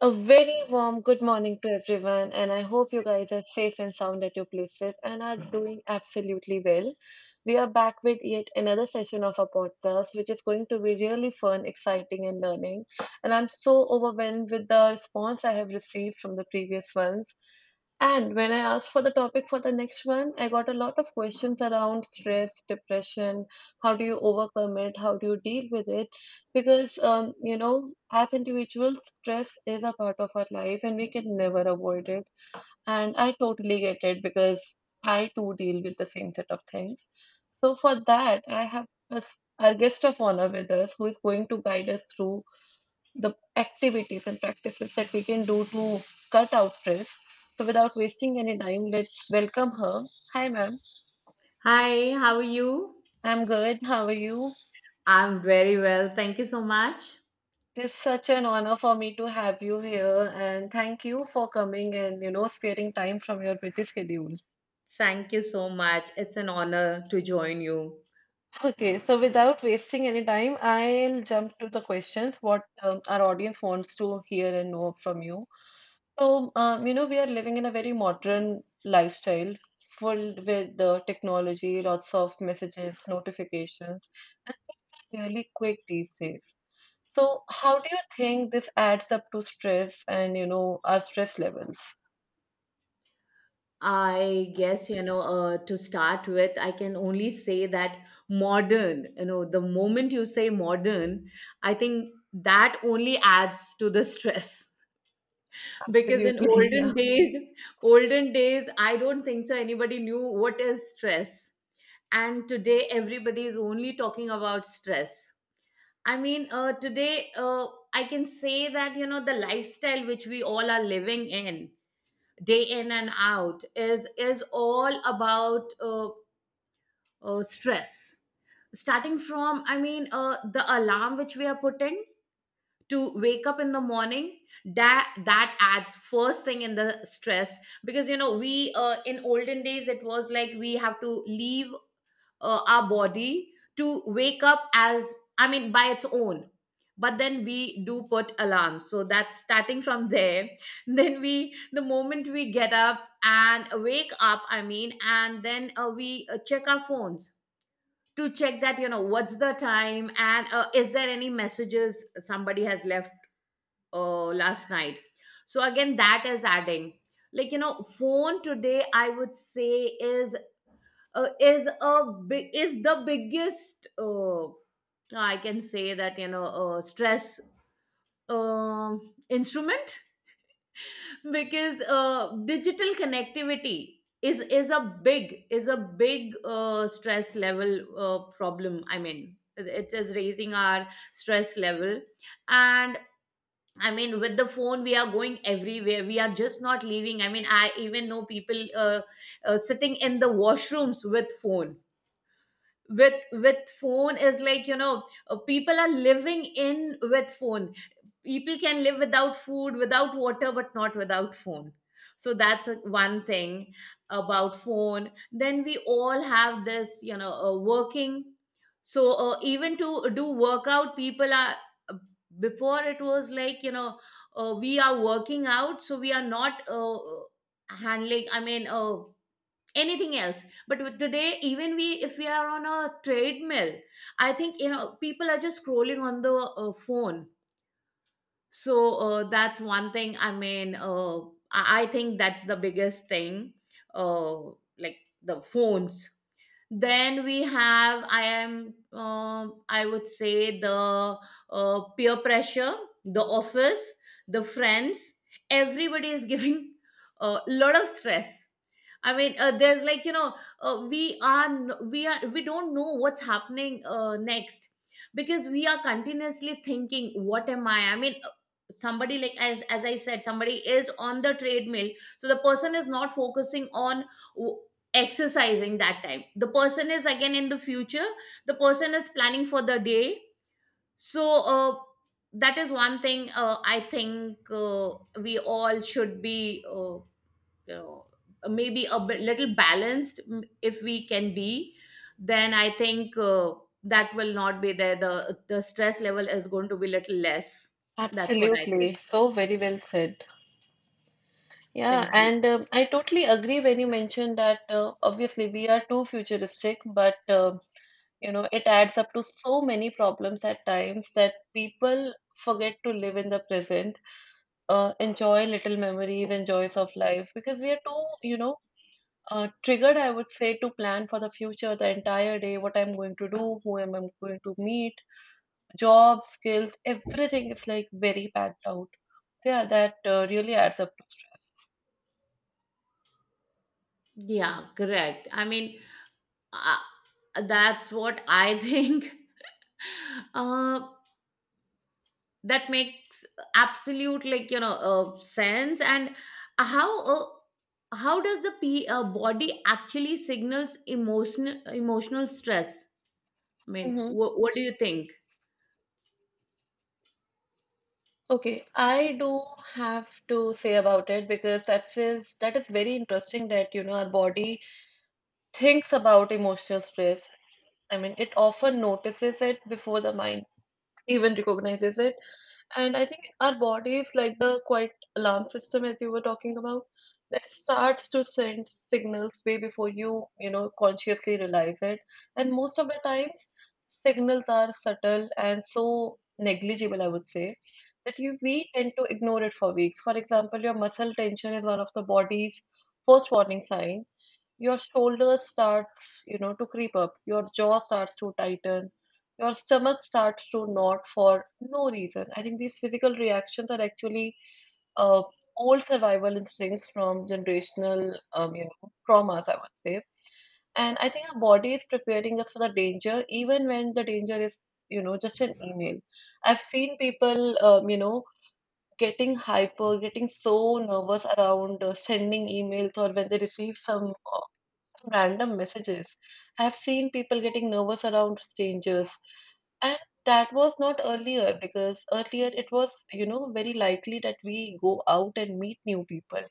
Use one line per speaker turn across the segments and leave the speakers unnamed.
A very warm good morning to everyone, and I hope you guys are safe and sound at your places and are doing absolutely well. We are back with yet another session of our podcast, which is going to be really fun, exciting, and learning. And I'm so overwhelmed with the response I have received from the previous ones. And when I asked for the topic for the next one, I got a lot of questions around stress, depression, how do you overcome it, how do you deal with it. Because, as individuals, stress is a part of our life and we can never avoid it. And I totally get it because I too deal with the same set of things. So, for that, I have a s our guest of honor with us who is going to guide us through the activities and practices that we can do to cut out stress. So, without wasting any time, let's welcome her. Hi, ma'am.
Hi, how are you?
I'm good. How are you?
I'm very well. Thank you so much.
It is such an honor for me to have you here, and thank you for coming and sparing time from your busy schedule.
Thank you so much. It's an honor to join you.
Okay, so without wasting any time, I'll jump to the questions what our audience wants to hear and know from you. So, we are living in a very modern lifestyle filled with the technology, lots of messages, notifications, and things are really quick these days. So, how do you think this adds up to stress and, our stress levels?
I guess, you know, to start with, I can only say that modern, you know, the moment you say modern, I think that only adds to the stress. Because in
Absolutely, yeah,
olden days, I don't think so anybody knew what is stress. And today, everybody is only talking about stress. I mean, today I can say that you know the lifestyle which we all are living in, day in and out, is all about stress. Starting from, I mean, the alarm which we are putting to wake up in the morning, that adds first thing in the stress because you know we in olden days it was like we have to leave our body to wake up as I mean by its own, but then we do put alarms, so that's starting from there. Then we the moment we get up and wake up, I mean, and then we check our phones to check that you know what's the time and is there any messages somebody has left last night. So again that is adding, like you know, phone today, I would say, is a big is the biggest I can say that you know stress um instrument. Because digital connectivity is a big is a big stress level problem, I mean, it is raising our stress level. And I mean with the phone we are going everywhere, we are just not leaving, I mean, I even know people uh, sitting in the washrooms with phone, with phone, is like you know people are living in with phone. People can live without food, without water, but not without phone. So that's one thing about phone. Then we all have this, you know, working, so even to do workout people are uh, before it was like you know we are working out so we are not handling, I mean, anything else. But with today, even we, if we are on a treadmill, I think you know people are just scrolling on the phone. So that's one thing, I mean, I think that's the biggest thing, uh, like the phones. Then we have I would say the peer pressure, the office, the friends, everybody is giving a lot of stress. I mean, there's, like you know, we are, we don't know what's happening next because we are continuously thinking what am I mean, somebody like, as I said, somebody is on the treadmill, so the person is not focusing on exercising that time, the person is again in the future, the person is planning for the day. So uh, that is one thing, I think, we all should be, you know, maybe a bit, little balanced, mm, if we can be, then I think that will not be there, the stress level is going to be little less. That's what I think.
absolutely. So very well said. Yeah,
Thank you.
and I totally agree when you mentioned that obviously we are too futuristic, but it adds up to so many problems at times that people forget to live in the present, enjoy little memories and joys of life because we are too, triggered, I would say, to plan for the future, the entire day, what I'm going to do, who am I going to meet, jobs, skills, everything is like very packed out. Yeah, that really adds up to stress.
Yeah, correct. I mean, uh, that's what I think. uh, that makes absolute, like you know, sense. And how uh, how does the p body actually signals emotional stress? I mean,
Mm-hmm.
what do you think?
Okay, I do have to say about it because that is very interesting that our body thinks about emotional stress. I mean, it often notices it before the mind even recognizes it. And I think our body is like the quiet alarm system, as you were talking about, that starts to send signals way before you, consciously realize it. And most of the times, signals are subtle and so negligible, I would say, that you we tend to ignore it for weeks. For example, your muscle tension is one of the body's first warning signs. Your shoulders starts, to creep up. Your jaw starts to tighten. Your stomach starts to knot for no reason. I think these physical reactions are actually uh, old survival instincts from generational, traumas, I would say. And I think our body is preparing us for the danger, even when the danger is, just an email. I've seen people, getting hyper, getting so nervous around sending emails or when they receive some random messages. I've seen people getting nervous around strangers, and that was not earlier because earlier it was, very likely that we go out and meet new people.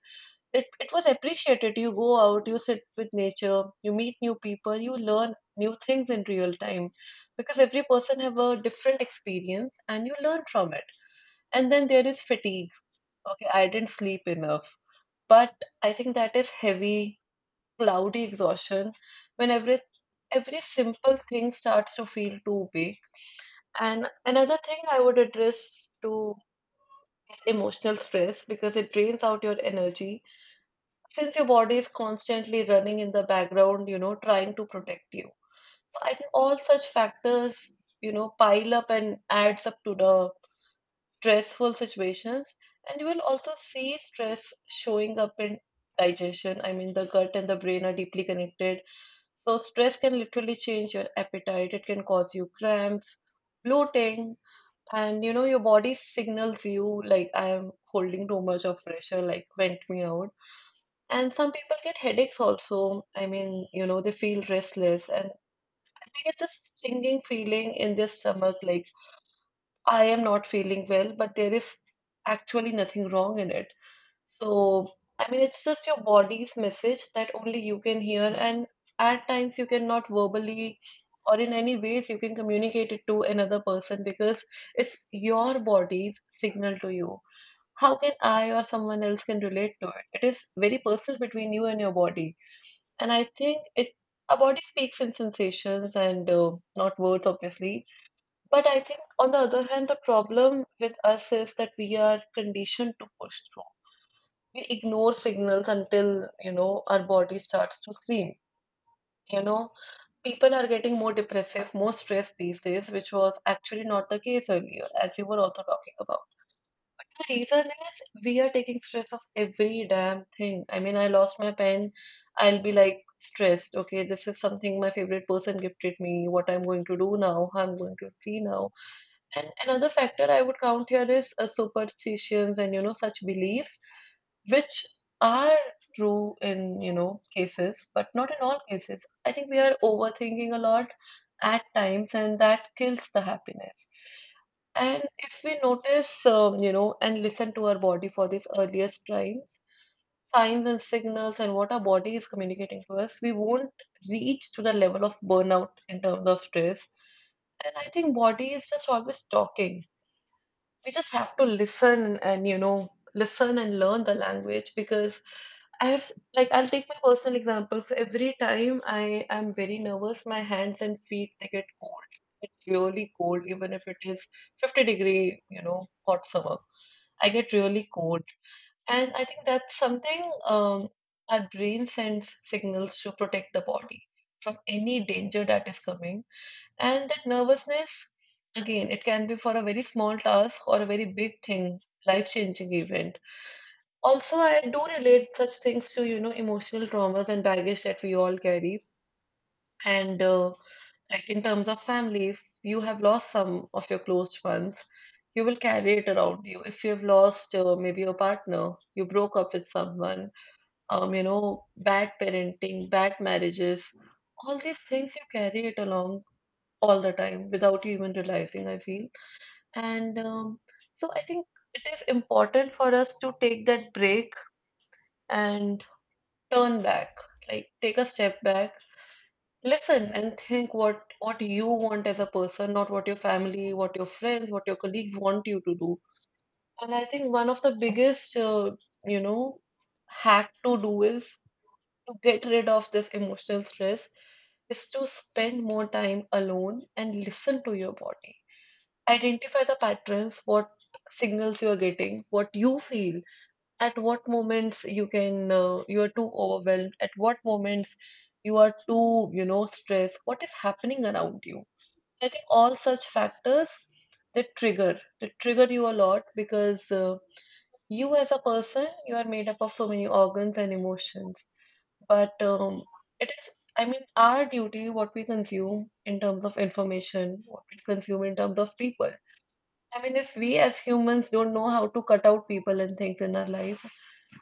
It was appreciated. You go out, you sit with nature, you meet new people, you learn new things in real time because every person have a different experience and you learn from it. And then there is fatigue. Okay, I didn't sleep enough. But I think that is heavy cloudy exhaustion when every simple thing starts to feel too big. And another thing I would address to is emotional stress because it drains out your energy since your body is constantly running in the background, trying to protect you. So I think all such factors, pile up and adds up to the stressful situations. And you will also see stress showing up in digestion. I mean, the gut and the brain are deeply connected. So stress can literally change your appetite. It can cause you cramps, bloating, and your body signals you like I am holding too much of pressure, like vent me out. And some people get headaches also. I mean, they feel restless and they get this stinging feeling in their stomach, like I am not feeling well, but there is actually nothing wrong in it. So, I mean, it's just your body's message that only you can hear, and at times you cannot verbally or in any ways you can communicate it to another person because it's your body's signal to you. How can I or someone else can relate to it? It is very personal between you and your body, and I think it our body speaks in sensations and not words, obviously. But I think on the other hand, the problem with us is that we are conditioned to push through. We ignore signals until our body starts to scream. You know, people are getting more depressive, more stressed these days, which was actually not the case earlier, as you were also talking about. But the reason is we are taking stress of every damn thing. I mean, I lost my pen, I'll be like stressed. Okay, this is something my favorite person gifted me. What I'm going to do now? How I'm going to see now? And another factor I would count here is superstitions and such beliefs, which are true in cases, but not in all cases. I think we are overthinking a lot at times, and that kills the happiness. And if we notice, and listen to our body for these earliest signs, and signals, and what our body is communicating to us, we won't reach to the level of burnout in terms of stress. And I think body is just always talking. We just have to listen and listen and learn the language because I have s- like I'll take my personal example. So every time I am very nervous, my hands and feet they get cold. It's really cold, even if it is 50 degree, hot summer. I get really cold, and I think that's something um, our brain sends signals to protect the body from any danger that is coming. And that nervousness, again, it can be for a very small task or a very big thing, life-changing event. Also, I do relate such things to, emotional traumas and baggage that we all carry. And like in terms of family, if you have lost some of your close ones, you will carry it around you. If you have lost maybe your partner, you broke up with someone, bad parenting, bad marriages, all these things you carry it along all the time without you even realizing, I feel. And so I think it is important for us to take that break and turn back, like take a step back, listen and think what you want as a person, not what your family, what your friends, what your colleagues want you to do. And I think one of the biggest, you know, hack to do is to get rid of this emotional stress is to spend more time alone and listen to your body, identify the patterns, what signals you are getting, what you feel at what moments you can, you are too overwhelmed, at what moments you are too stressed, what is happening around you. So I think all such factors that trigger that trigger you a lot because you as a person you are made up of so many organs and emotions, but it is, I mean, our duty, what we consume in terms of information, what we consume in terms of people. I mean, if we as humans don't know how to cut out people and things in our life,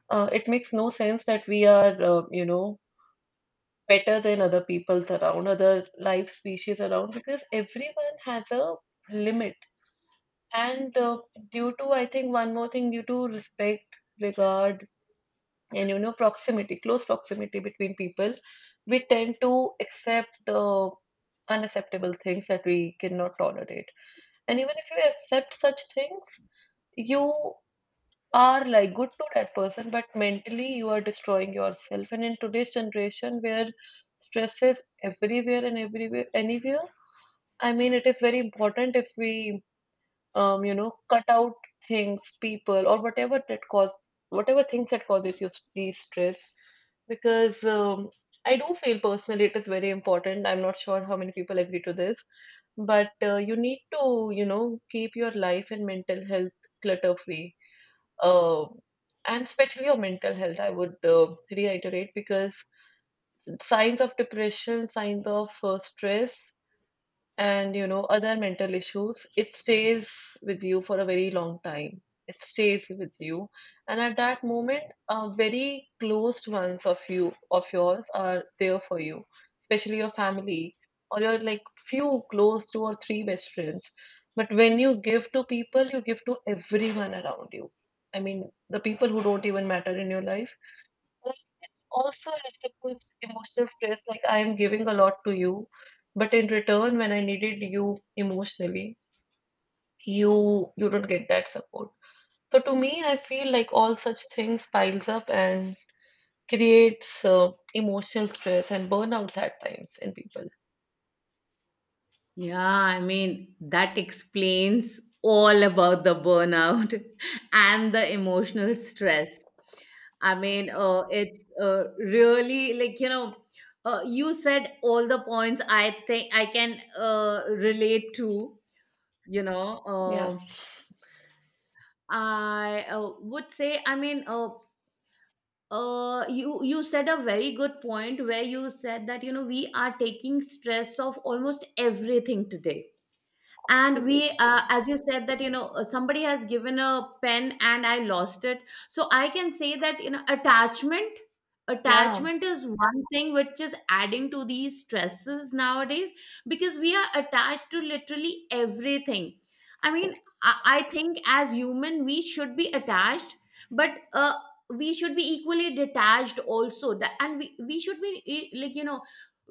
it makes no sense that we are, better than other peoples around, other life species around, because everyone has a limit. And due to, I think, one more thing, due to respect, regard, and, proximity, close proximity between people, we tend to accept the unacceptable things that we cannot tolerate. And even if you accept such things, you are like good to that person, but mentally you are destroying yourself. And in today's generation where stress is everywhere and everywhere, anywhere, I mean, it is very important if we, cut out things, people, or whatever that cause, whatever things that causes you the stress, because I do feel personally it is very important. I'm not sure how many people agree to this, but you need to, keep your life and mental health clutter free uh, and especially on mental health, I would reiterate because signs of depression, signs of stress, and other mental issues, it stays with you for a very long time. It stays with you, and at that moment very closed ones of yours are there for you, especially your family or your like few close two or three best friends. But when you give to people, you give to everyone around you, I mean the people who don't even matter in your life. Well, it's also reciprocal emotional stress, like I am giving a lot to you, but in return, when I needed you emotionally, you don't get that support. So to me, I feel like all such things piles up and creates emotional stress and burnouts at times in people.
Yeah, I mean that explains all about the burnout and the emotional stress. I mean, it's really, like you know, you said all the points, I think I can relate to, you know.
Yeah.
Uh, I uh, would say, I mean, you you said a very good point where you said that you know we are taking stress of almost everything today. And
Absolutely.
we, as you said, that you know somebody has given a pen and I lost it, so I can say that you know attachment,
Yeah.
attachment is one thing which is adding to these stresses nowadays, because we are attached to literally everything. I mean, I think as human we should be attached, but we should be equally detached also. That, and we should be, eh, like you know,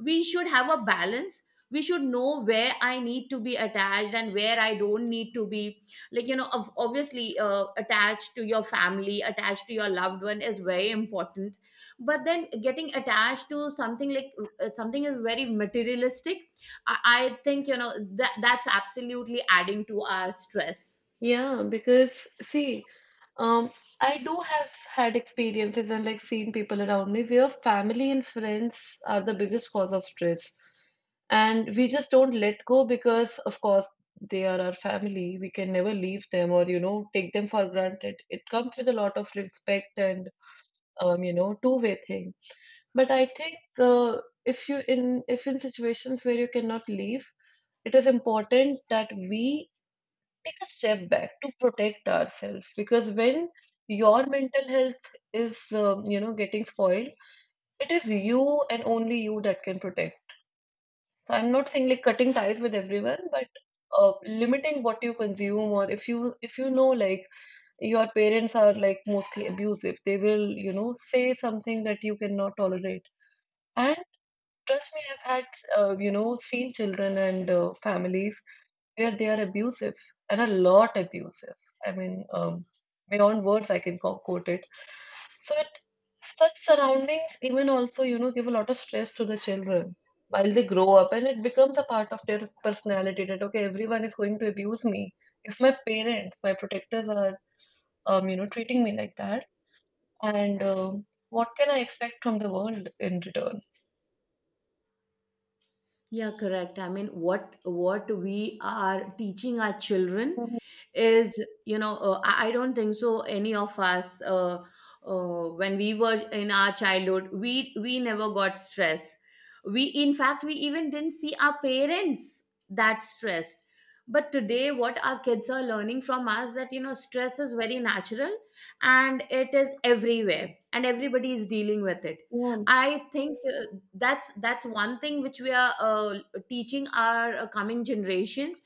we should have a balance. We should know where I need to be attached and where I don't need to be, like you know. Of obviously attached to your family, attached to your loved one is very important. But then getting attached to something like something is very materialistic, I think you know that's absolutely adding to our stress.
Yeah, because see, um, I do have had experiences and like seen people around me where family and friends are the biggest cause of stress. And we just don't let go because, of course, they are our family. We can never leave them or, you know, take them for granted. It comes with a lot of respect and, two-way thing. But I think if in situations where you cannot leave, it is important that we take a step back to protect ourselves, because when your mental health is getting spoiled, it is you and only you that can protect. So I'm not saying like cutting ties with everyone, but limiting what you consume, or if you know like your parents are like mostly abusive, they will, you know, say something that you cannot tolerate. And trust me, I've had seen children and families where they are abusive, and a lot abusive. I mean, beyond words, I can quote it. So, it, such surroundings even also, you know, give a lot of stress to the children while they grow up, and it becomes a part of their personality that okay, everyone is going to abuse me. If my parents, my protectors are, treating me like that, and what can I expect from the world in return?
Yeah, correct. I mean, what we are teaching our children is, you know, I don't think so. Any of us, when we were in our childhood, we never got stress. We, in fact, we even didn't see our parents that stressed. But today, what our kids are learning from us, that you know, stress is very natural, and it is everywhere, and everybody is dealing with it.
Yeah.
I think that's one thing which we are teaching our coming generations,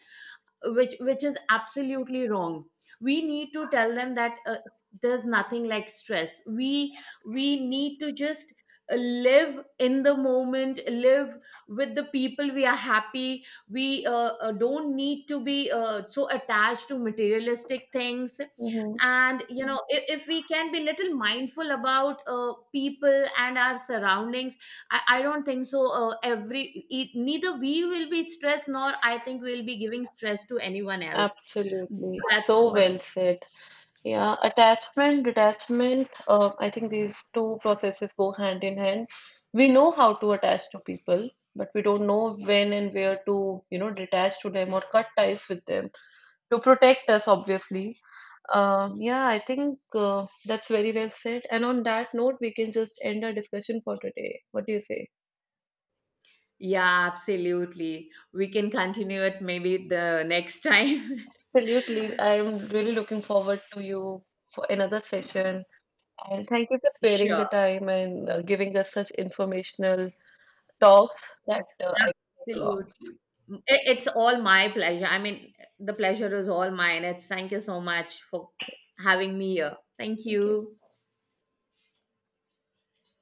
which is absolutely wrong. We need to tell them that there's nothing like stress. We need to just live in the moment, live with the people we are happy. We don't need to be so attached to materialistic things. And you know, if we can be little mindful about people and our surroundings, I don't think so. Neither we will be stressed, nor I think we'll be giving stress to anyone else.
Absolutely.
That's
So
what.
well said. Yeah, attachment, detachment. I think these two processes go hand in hand. We know how to attach to people, but we don't know when and where to, you know, detach to them or cut ties with them to protect us, obviously. Yeah, I think that's very well said. And on that note, we can just end our discussion for today. What do you say?
Yeah, absolutely. We can continue it maybe the next time.
Absolutely. I'm really looking forward to you for another session. And thank you for sparing the
Sure,
time and giving us such informational talks that I can along.
absolutely. I- It's all my pleasure. I mean, the pleasure is all mine. It's thank you so much for having me here. Thank
Thank you.
you.